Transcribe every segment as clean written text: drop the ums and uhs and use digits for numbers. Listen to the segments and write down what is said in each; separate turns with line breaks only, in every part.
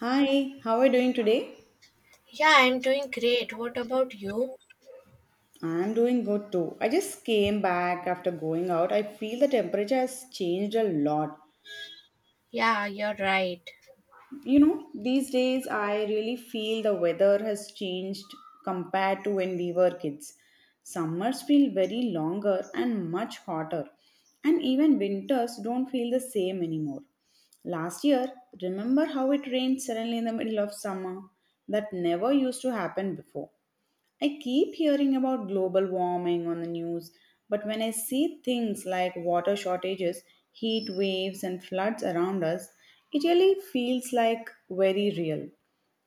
Hi, how are you doing today?
Yeah, I'm doing great. What about you?
I'm doing good too. I just came back after going out. I feel the temperature has changed a lot.
Yeah, you're right.
You know, these days I really feel the weather has changed compared to when we were kids. Summers feel very longer and much hotter, and even winters don't feel the same anymore. Last year, remember how it rained suddenly in the middle of summer? That never used to happen before. I keep hearing about global warming on the news, but when I see things like water shortages, heat waves, and floods around us, it really feels like very real.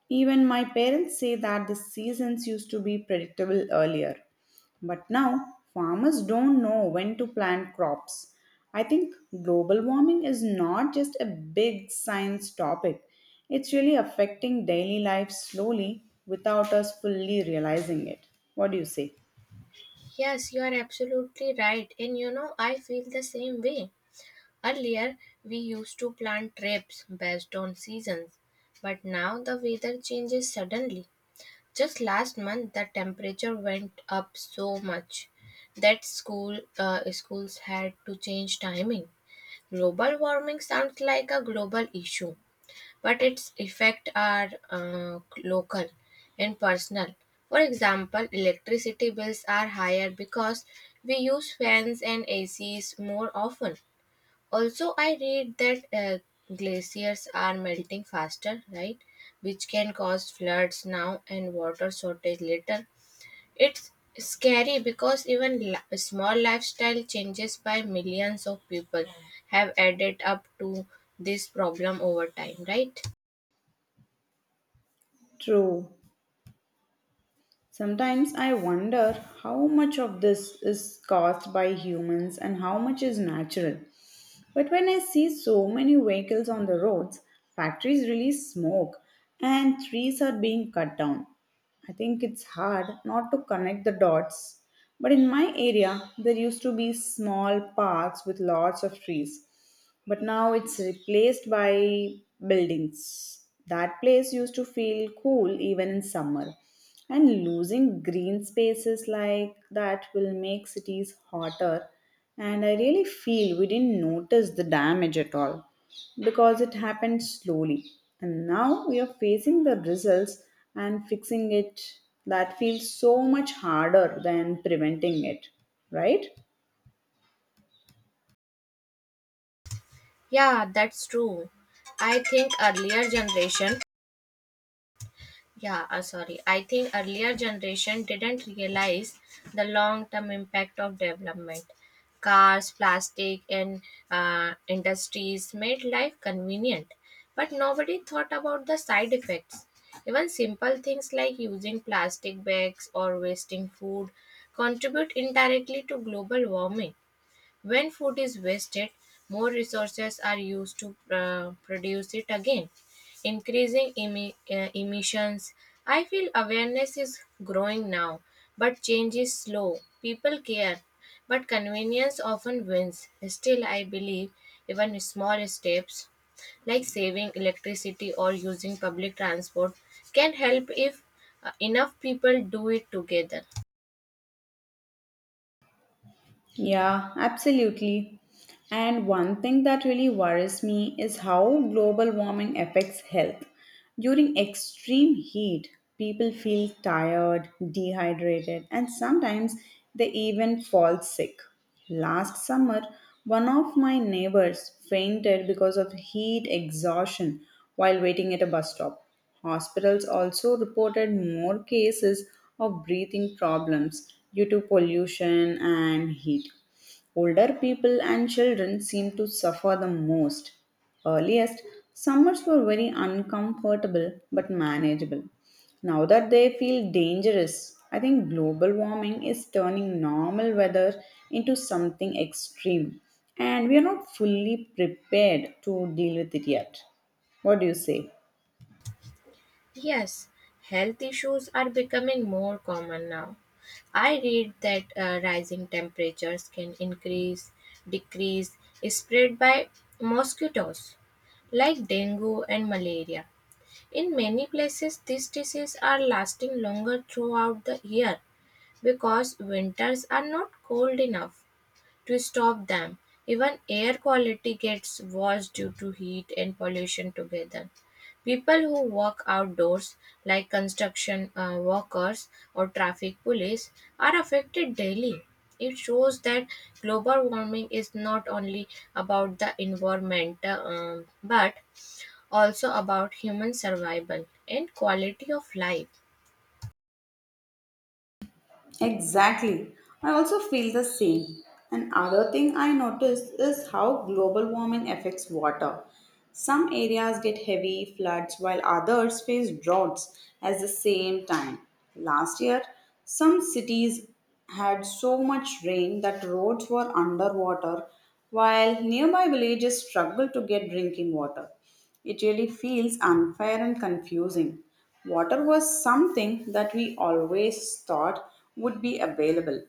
Even my parents say that the seasons used to be predictable earlier, but now farmers don't know when to plant crops. I think global warming is not just a big science topic, it's really affecting daily life slowly without us fully realizing it. What do you say?
Yes, you are absolutely right. And you know, I feel the same way. Earlier, we used to plan trips based on seasons, but now the weather changes suddenly. Just last month, the temperature went up so much that schools had to change timing. Global warming sounds like a global issue, but its effects are local and personal. For example, electricity bills are higher because we use fans and ACs more often. Also, I read that glaciers are melting faster, right? Which can cause floods now and water shortage later. It's scary because small lifestyle changes by millions of people have added up to this problem over time, right?
True. Sometimes I wonder how much of this is caused by humans and how much is natural. But when I see so many vehicles on the roads, factories release smoke, and trees are being cut down, I think it's hard not to connect the dots. But in my area, there used to be small parks with lots of trees, but now it's replaced by buildings. That place used to feel cool even in summer. And losing green spaces like that will make cities hotter and I really feel we didn't notice the damage at all because it happened slowly. And now we are facing the results and fixing it that feels so much harder than preventing it, right?
Yeah, that's true. I think earlier generation, I think earlier generation didn't realize the long-term impact of development. Cars, plastic, and industries made life convenient, but nobody thought about the side effects. Even simple things like using plastic bags or wasting food contribute indirectly to global warming. When food is wasted, more resources are used to produce it again, increasing emissions. I feel awareness is growing now, but change is slow. People care, but convenience often wins. Still, I believe even small steps like saving electricity or using public transport can help if enough people do it together.
Yeah, absolutely. And one thing that really worries me is how global warming affects health. During extreme heat, people feel tired, dehydrated, and sometimes they even fall sick. Last summer, one of my neighbors fainted because of heat exhaustion while waiting at a bus stop. Hospitals also reported more cases of breathing problems due to pollution and heat. Older people and children seem to suffer the most. Earliest, summers were very uncomfortable but manageable. Now that they feel dangerous, I think global warming is turning normal weather into something extreme, and we are not fully prepared to deal with it yet. What do you say?
Yes, health issues are becoming more common now. I read that rising temperatures can increase, decrease, spread by mosquitoes like dengue and malaria. In many places, these diseases are lasting longer throughout the year because winters are not cold enough. To stop them, even air quality gets worse due to heat and pollution together. People who work outdoors, like construction workers or traffic police, are affected daily. It shows that global warming is not only about the environment but also about human survival and quality of life.
Exactly. I also feel the same. Another thing I noticed is how global warming affects water. Some areas get heavy floods while others face droughts at the same time. Last year, some cities had so much rain that roads were underwater while nearby villages struggled to get drinking water. It really feels unfair and confusing. Water was something that we always thought would be available.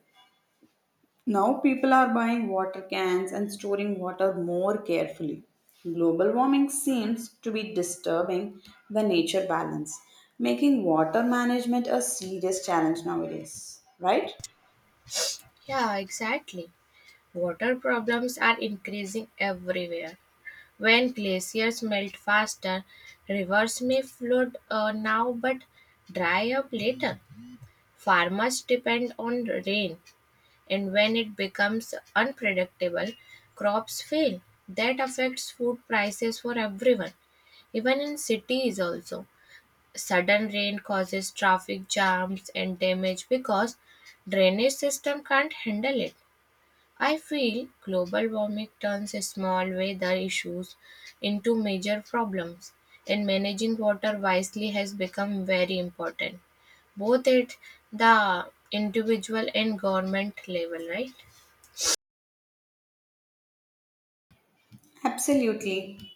Now people are buying water cans and storing water more carefully. Global warming seems to be disturbing the nature balance, making water management a serious challenge nowadays, right?
Yeah, exactly. Water problems are increasing everywhere. When glaciers melt faster, rivers may flood now but dry up later. Farmers depend on rain, and when it becomes unpredictable, crops fail. That affects food prices for everyone, even in cities also. Sudden rain causes traffic jams and damage because drainage system can't handle it. I feel global warming turns small weather issues into major problems, and managing water wisely has become very important, both at the individual and government level, right?
Absolutely.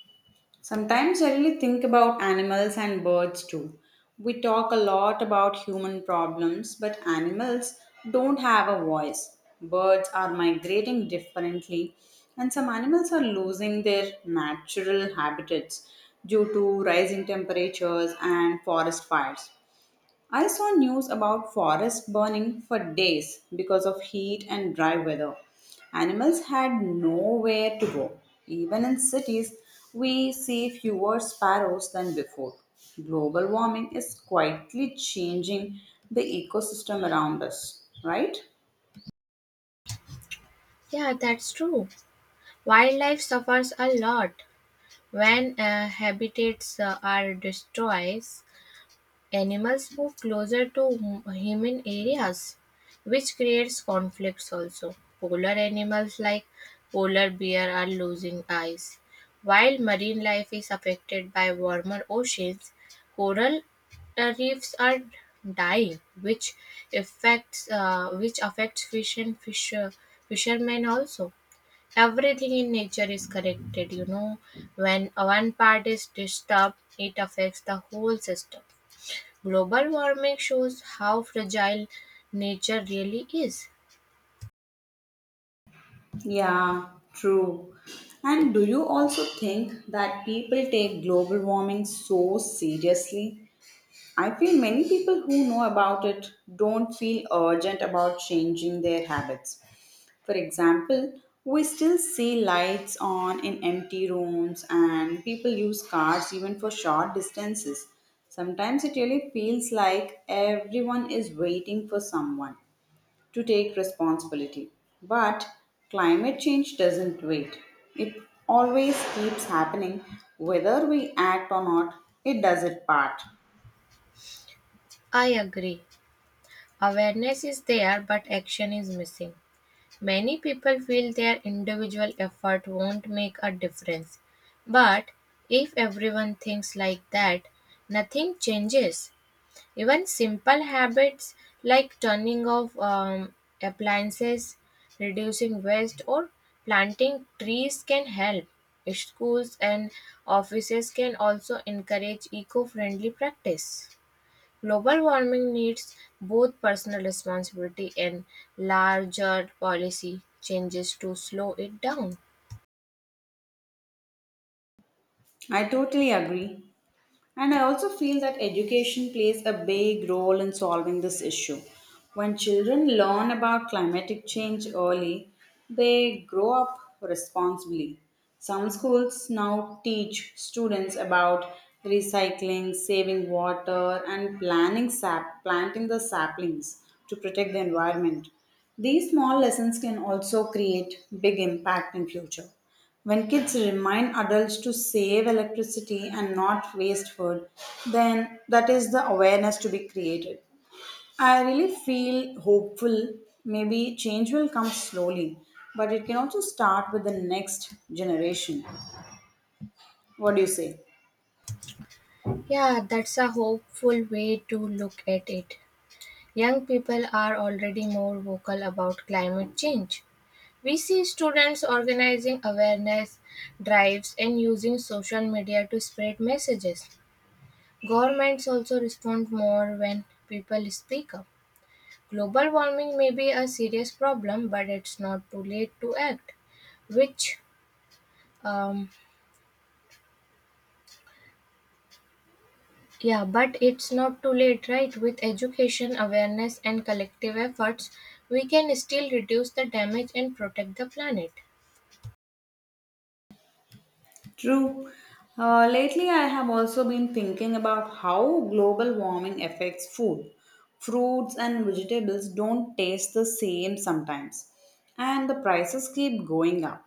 Sometimes I really think about animals and birds too. We talk a lot about human problems, but animals don't have a voice. Birds are migrating differently, and some animals are losing their natural habitats due to rising temperatures and forest fires. I saw news about forests burning for days because of heat and dry weather. Animals had nowhere to go. Even in cities, we see fewer sparrows than before. Global warming is quietly changing the ecosystem around us, right?
Yeah, that's true. Wildlife suffers a lot when habitats are destroyed. Animals move closer to human areas, which creates conflicts also. Polar animals like polar bear are losing eyes, while marine life is affected by warmer oceans. Coral reefs are dying, which affects fish and fishermen also. Everything in nature is connected. You know, when one part is disturbed, it affects the whole system. Global warming shows how fragile nature really is.
Yeah, true. And do you also think that people take global warming so seriously? I feel many people who know about it don't feel urgent about changing their habits. For example, we still see lights on in empty rooms and people use cars even for short distances. Sometimes it really feels like everyone is waiting for someone to take responsibility. But climate change doesn't wait. It always keeps happening whether we act or not. It does its part.
I agree. Awareness is there, but action is missing. Many people feel their individual effort won't make a difference. But if everyone thinks like that, nothing changes. Even simple habits like turning off appliances, reducing waste, or planting trees can help. Schools and offices can also encourage eco friendly practice. Global warming needs both personal responsibility and larger policy changes to slow it down.
I totally agree. And I also feel that education plays a big role in solving this issue. When children learn about climatic change early, they grow up responsibly. Some schools now teach students about recycling, saving water, and planning sap, planting the saplings to protect the environment. These small lessons can also create big impact in future. When kids remind adults to save electricity and not waste food, then that is the awareness to be created. I really feel hopeful. Maybe change will come slowly, but it can also start with the next generation. What do you say?
Yeah, that's a hopeful way to look at it. Young people are already more vocal about climate change. We see students organizing awareness drives and using social media to spread messages. Governments also respond more when people speak up. Global warming may be a serious problem, but it's not too late to act. Which, um, yeah, but it's not too late, right? With education, awareness, and collective efforts, we can still reduce the damage and protect the planet.
True. Lately, I have also been thinking about how global warming affects food. Fruits and vegetables don't taste the same sometimes, and the prices keep going up.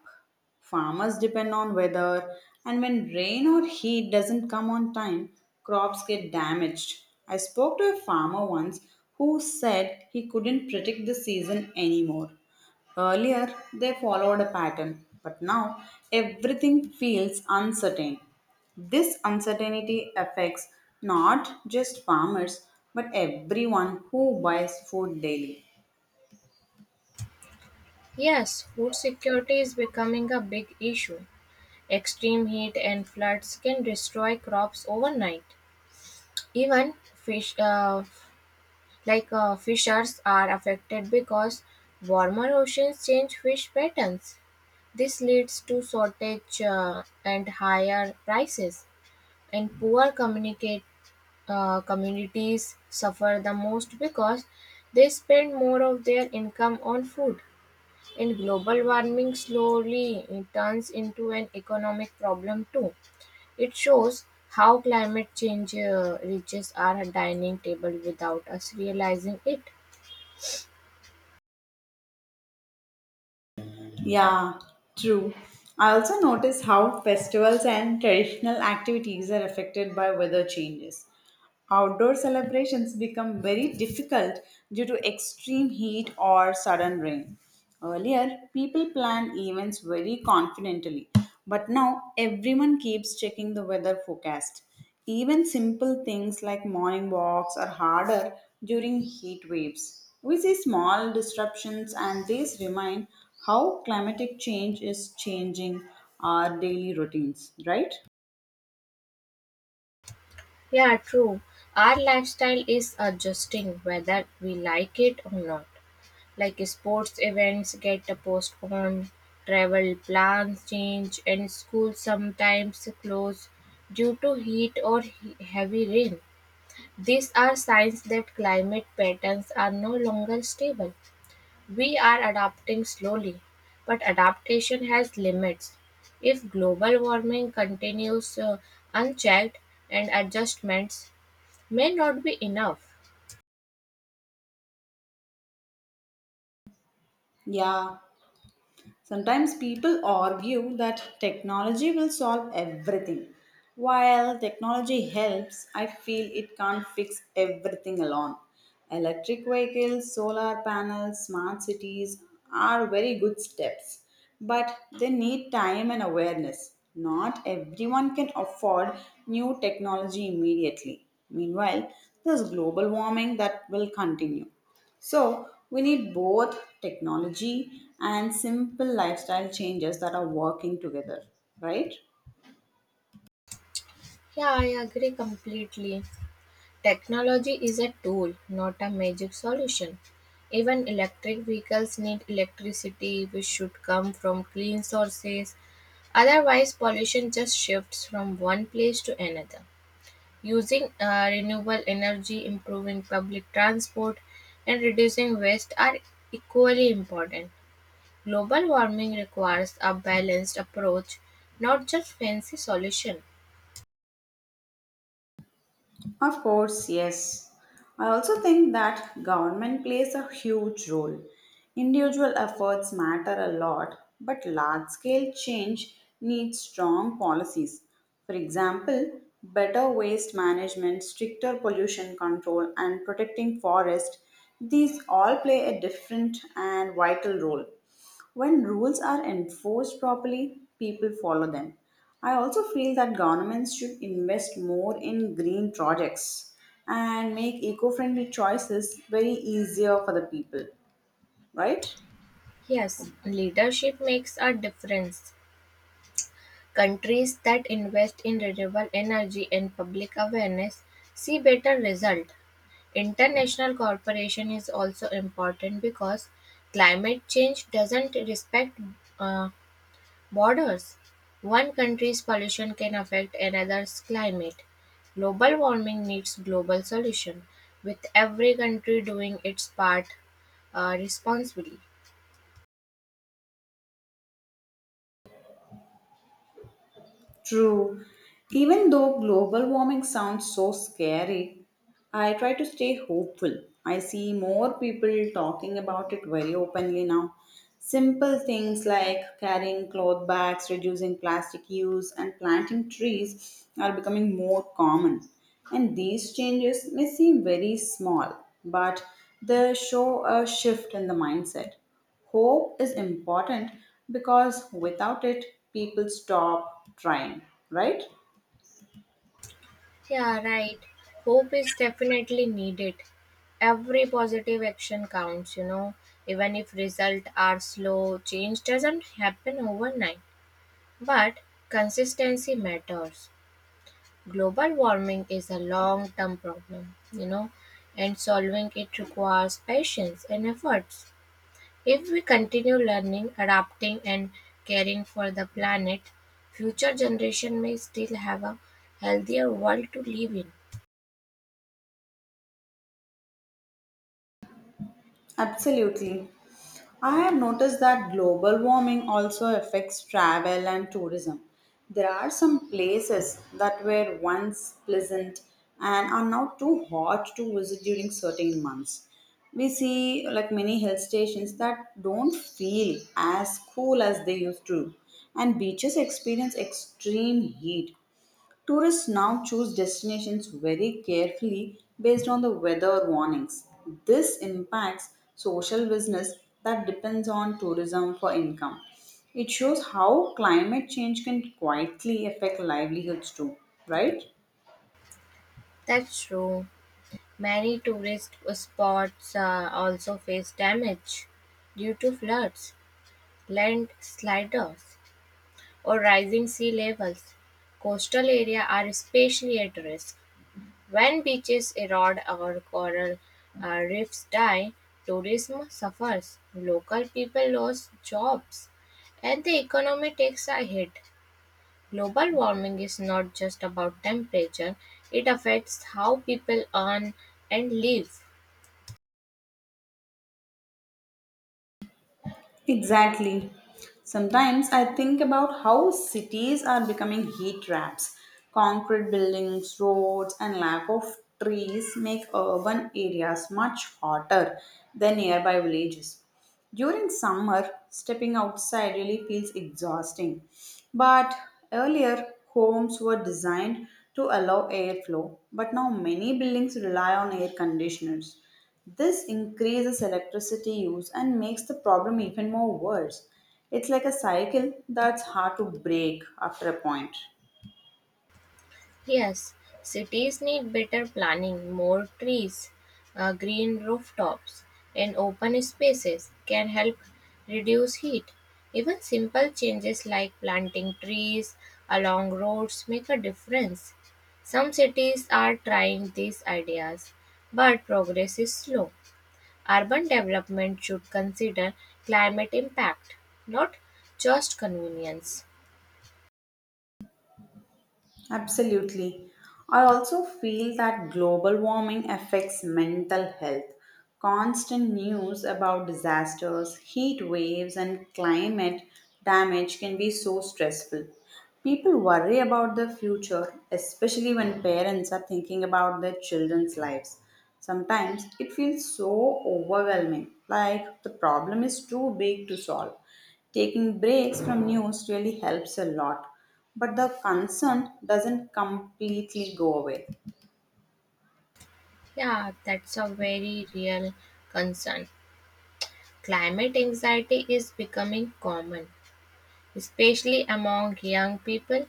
Farmers depend on weather, and when rain or heat doesn't come on time, crops get damaged. I spoke to a farmer once who said he couldn't predict the season anymore. Earlier, they followed a pattern, but now everything feels uncertain. This uncertainty affects not just farmers but everyone who buys food daily.
Yes, food security is becoming a big issue. Extreme heat and floods can destroy crops overnight. Even fishers are affected because warmer oceans change fish patterns. This leads to shortage and higher prices, and poor communicate communities suffer the most because they spend more of their income on food. And global warming slowly turns into an economic problem too. It shows how climate change reaches our dining table without us realizing it.
Yeah, true. I also notice how festivals and traditional activities are affected by weather changes. Outdoor celebrations become very difficult due to extreme heat or sudden rain. Earlier, people planned events very confidently, but now everyone keeps checking the weather forecast. Even simple things like morning walks are harder during heat waves. We see small disruptions, and these remind how climatic change is changing our daily routines, right?
Yeah, true. Our lifestyle is adjusting whether we like it or not. Like sports events get postponed, travel plans change, and schools sometimes close due to heavy rain. These are signs that climate patterns are no longer stable. We are adapting slowly, but adaptation has limits. If global warming continues unchecked, and adjustments may not be enough.
Yeah. Sometimes people argue that technology will solve everything. While technology helps, I feel it can't fix everything alone. Electric vehicles, solar panels, smart cities are very good steps, but they need time and awareness. Not everyone can afford new technology immediately. Meanwhile, there's global warming that will continue. So, we need both technology and simple lifestyle changes that are working together, right?
Yeah, I agree completely. Technology is a tool, not a magic solution. Even electric vehicles need electricity, which should come from clean sources. Otherwise, pollution just shifts from one place to another. Using renewable energy, improving public transport, and reducing waste are equally important. Global warming requires a balanced approach, not just fancy solution.
Of course, yes. I also think that government plays a huge role. Individual efforts matter a lot, but large scale change needs strong policies. For example, better waste management, stricter pollution control, and protecting forest. These all play a different and vital role. When rules are enforced properly, people follow them. I also feel that governments should invest more in green projects and make eco friendly choices very easier for the people, right?
Yes, leadership makes a difference. Countries that invest in renewable energy and public awareness see better result. International cooperation is also important because climate change doesn't respect uh, borders. One country's pollution can affect another's climate. Global warming needs global solution, with every country doing its part responsibly.
True. Even though global warming sounds so scary, I try to stay hopeful. I see more people talking about it very openly now. Simple things like carrying cloth bags, reducing plastic use, and planting trees are becoming more common. And these changes may seem very small, but they show a shift in the mindset. Hope is important because without it, people stop trying, right?
Yeah, right. Hope is definitely needed. Every positive action counts, you know, even if results are slow, change doesn't happen overnight. But consistency matters. Global warming is a long term problem, you know, and solving it requires patience and efforts. If we continue learning, adapting, and caring for the planet, future generation may still have a healthier world to live in.
Absolutely. I have noticed that global warming also affects travel and tourism. There are some places that were once pleasant and are now too hot to visit during certain months. We see like many hill stations that don't feel as cool as they used to, and beaches experience extreme heat. Tourists now choose destinations very carefully based on the weather warnings. This impacts social business that depends on tourism for income. It shows how climate change can quietly affect livelihoods too, right?
That's true. Many tourist spots also face damage due to floods, landslides, or rising sea levels. Coastal areas are especially at risk. When beaches erode or coral reefs die, tourism suffers, local people lose jobs, and the economy takes a hit. Global warming is not just about temperature, it affects how people earn and live.
Exactly. Sometimes I think about how cities are becoming heat traps. Concrete buildings, roads, and lack of trees make urban areas much hotter than nearby villages. During summer, stepping outside really feels exhausting. But earlier, homes were designed to allow airflow, but now many buildings rely on air conditioners. This increases electricity use and makes the problem even more worse. It's like a cycle that's hard to break after a point.
Yes, cities need better planning. More trees, green rooftops, and open spaces can help reduce heat. Even simple changes like planting trees along roads make a difference. Some cities are trying these ideas, but progress is slow. Urban development should consider climate impact, not just convenience.
Absolutely. I also feel that global warming affects mental health. Constant news about disasters, heat waves, and climate damage can be so stressful. People worry about the future, especially when parents are thinking about their children's lives. Sometimes it feels so overwhelming, like the problem is too big to solve. Taking breaks from news really helps a lot, but the concern doesn't completely go away.
Yeah, that's a very real concern. Climate anxiety is becoming common, especially among young people.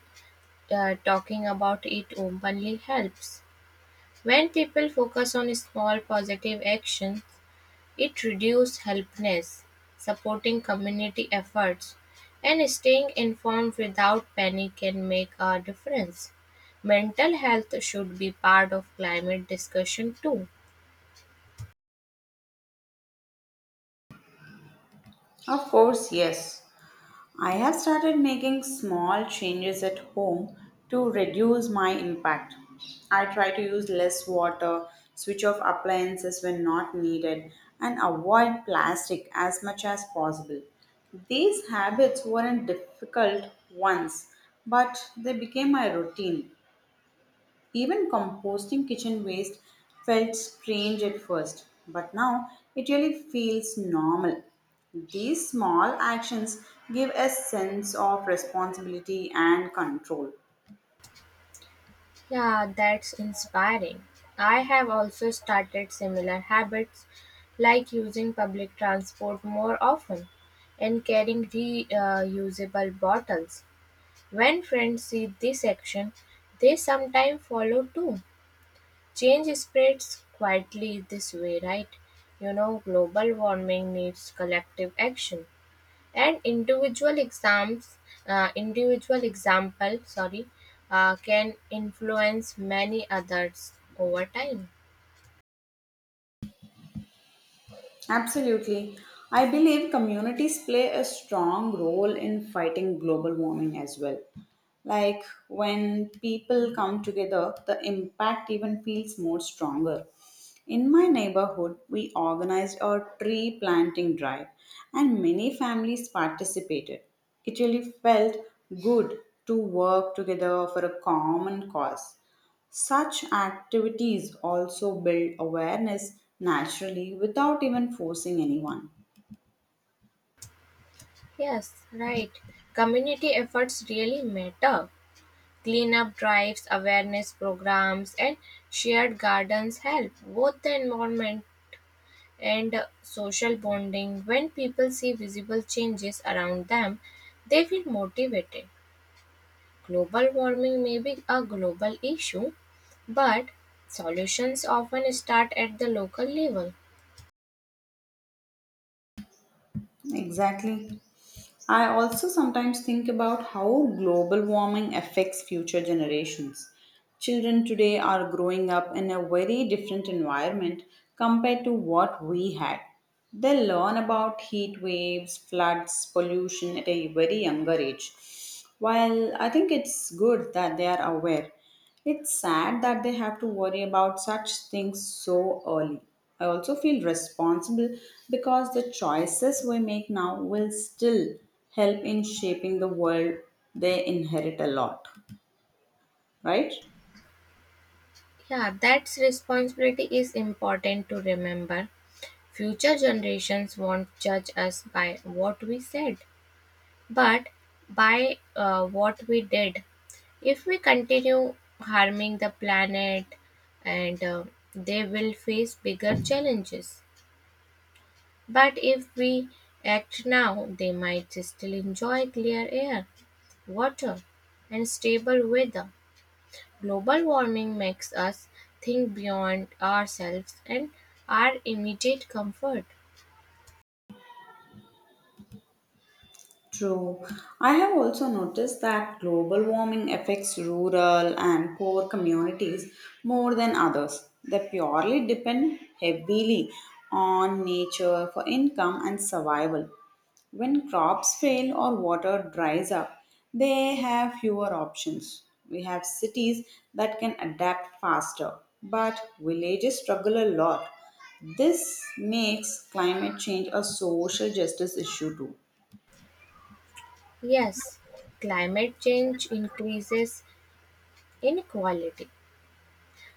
Talking about it openly helps. When people focus on small positive actions, it reduces helplessness, supporting community efforts, and staying informed without panic can make a difference. Mental health should be part of climate discussion too.
Of course, yes. I have started making small changes at home to reduce my impact. I try to use less water, switch off appliances when not needed, and avoid plastic as much as possible. These habits weren't difficult once, but they became my routine. Even composting kitchen waste felt strange at first, but now it really feels normal. These small actions give a sense of responsibility and control.
Yeah, that's inspiring. I have also started similar habits like using public transport more often and carrying reusable bottles. When friends see this action, they sometimes follow too. Change spreads quietly this way, right? You know, global warming needs collective action and individual example, sorry, can influence many others over time.
Absolutely. I believe communities play a strong role in fighting global warming as well. Like when people come together, the impact even feels more stronger. In my neighborhood, we organized a tree planting drive and many families participated. It really felt good to work together for a common cause. Such activities also build awareness naturally without even forcing anyone.
Yes, right, community efforts really matter. Cleanup drives, awareness programs, and shared gardens help both the environment and social bonding. When people see visible changes around them, they feel motivated. Global warming may be a global issue, but solutions often start at the local level.
Exactly. I also sometimes think about how global warming affects future generations. Children today are growing up in a very different environment compared to what we had. They learn about heat waves, floods, pollution at a very younger age. While I think it's good that they are aware, it's sad that they have to worry about such things so early. I also feel responsible because the choices we make now will still help in shaping the world they inherit a lot, right?
Yeah, that responsibility is important to remember. Future generations won't judge us by what we said, but by what we did. If we continue harming the planet, and they will face bigger challenges. But if we act now, they might still enjoy clear air, water, and stable weather. Global warming makes us think beyond ourselves and our immediate comfort.
True. I have also noticed that global warming affects rural and poor communities more than others. They purely depend heavily on nature for income and survival. When crops fail or water dries up, they have fewer options. We have cities that can adapt faster, but villages struggle a lot. This makes climate change a social justice issue too.
Yes, climate change increases inequality.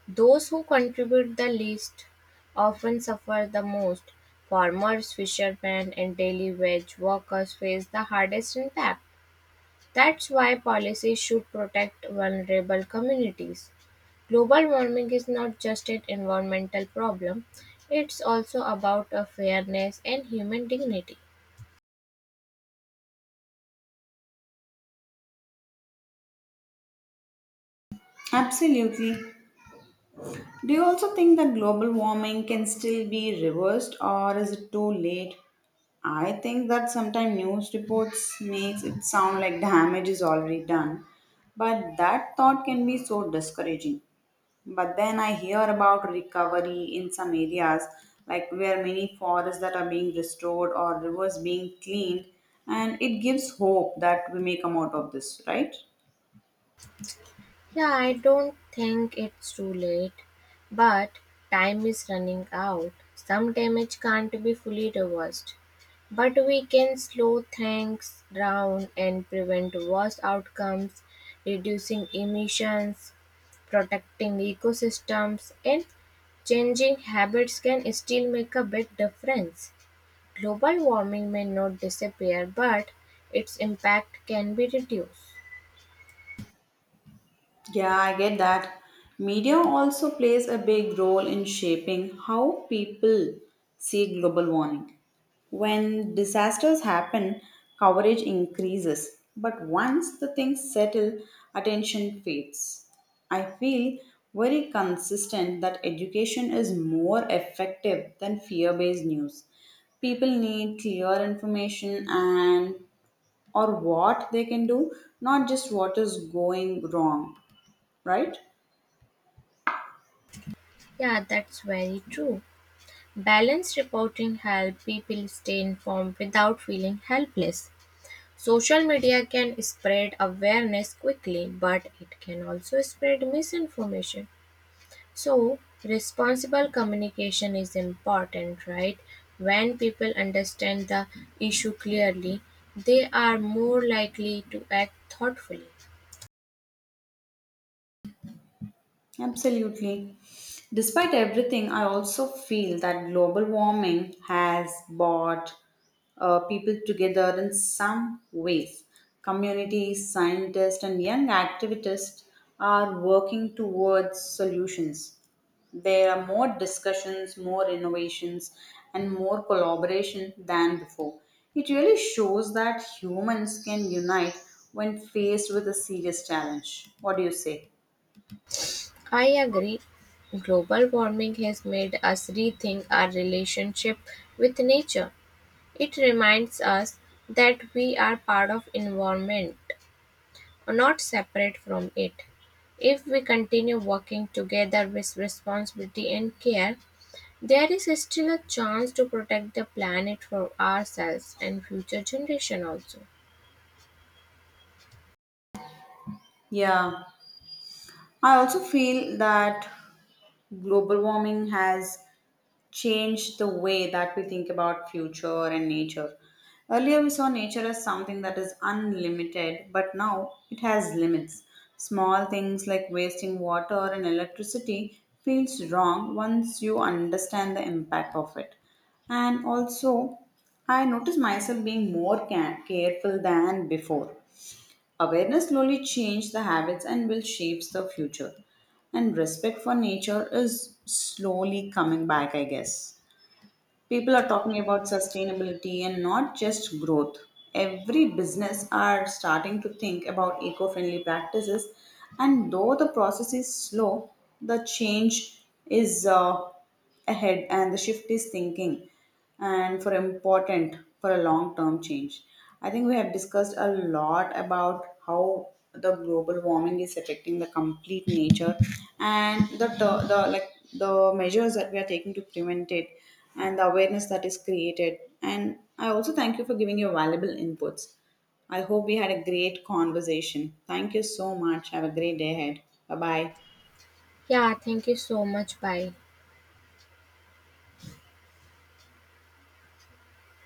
Those who contribute the least often suffer the most. Farmers, fishermen, and daily wage workers face the hardest impact. That's why policies should protect vulnerable communities. Global warming is not just an environmental problem, it's also about a fairness and human dignity.
Absolutely. Do you also think that global warming can still be reversed or is it too late? I think that sometimes news reports makes it sound like damage is already done. But that thought can be so discouraging. But then I hear about recovery in some areas like where many forests that are being restored or rivers being cleaned and it gives hope that we may come out of this, right?
Yeah, I don't think it's too late, but time is running out. Some damage can't be fully reversed, but we can slow things down and prevent worse outcomes, reducing emissions, protecting ecosystems and changing habits can still make a big difference. Global warming may not disappear, but its impact can be reduced.
Yeah, I get that. Media also plays a big role in shaping how people see global warming. When disasters happen, coverage increases, but once the things settle, attention fades. I feel very consistent that education is more effective than fear based news. People need clear information and or what they can do, not just what is going wrong, right?
Yeah, that's very true. Balanced reporting helps people stay informed without feeling helpless. Social media can spread awareness quickly, but it can also spread misinformation. So, responsible communication is important, right? When people understand the issue clearly, they are more likely to act thoughtfully.
Absolutely. Despite everything, I also feel that global warming has brought people together in some ways. Communities, scientists, and young activists are working towards solutions. There are more discussions, more innovations, and more collaboration than before. It really shows that humans can unite when faced with a serious challenge. What do you say?
I agree. Global warming has made us rethink our relationship with nature. It reminds us that we are part of environment not separate from it. If we continue working together with responsibility and care, there is still a chance to protect the planet for ourselves and future generation also.
Yeah, I also feel that global warming has changed the way that we think about future and nature. Earlier, we saw nature as something that is unlimited, but now it has limits. Small things like wasting water and electricity feels wrong once you understand the impact of it. And also, I notice myself being more careful than before. Awareness slowly changes the habits and will shapes the future. And respect for nature is slowly coming back, I guess. People are talking about sustainability and not just growth. Every business are starting to think about eco-friendly practices, and though the process is slow, the change is ahead and the shift is thinking and for important for a long term change. I think we have discussed a lot about how the global warming is affecting the complete nature and the the measures that we are taking to prevent it and the awareness that is created and I also thank you for giving your valuable inputs. I hope we had a great conversation. Thank you so much. Have a great day ahead. Bye bye.
Yeah, thank you so much. Bye.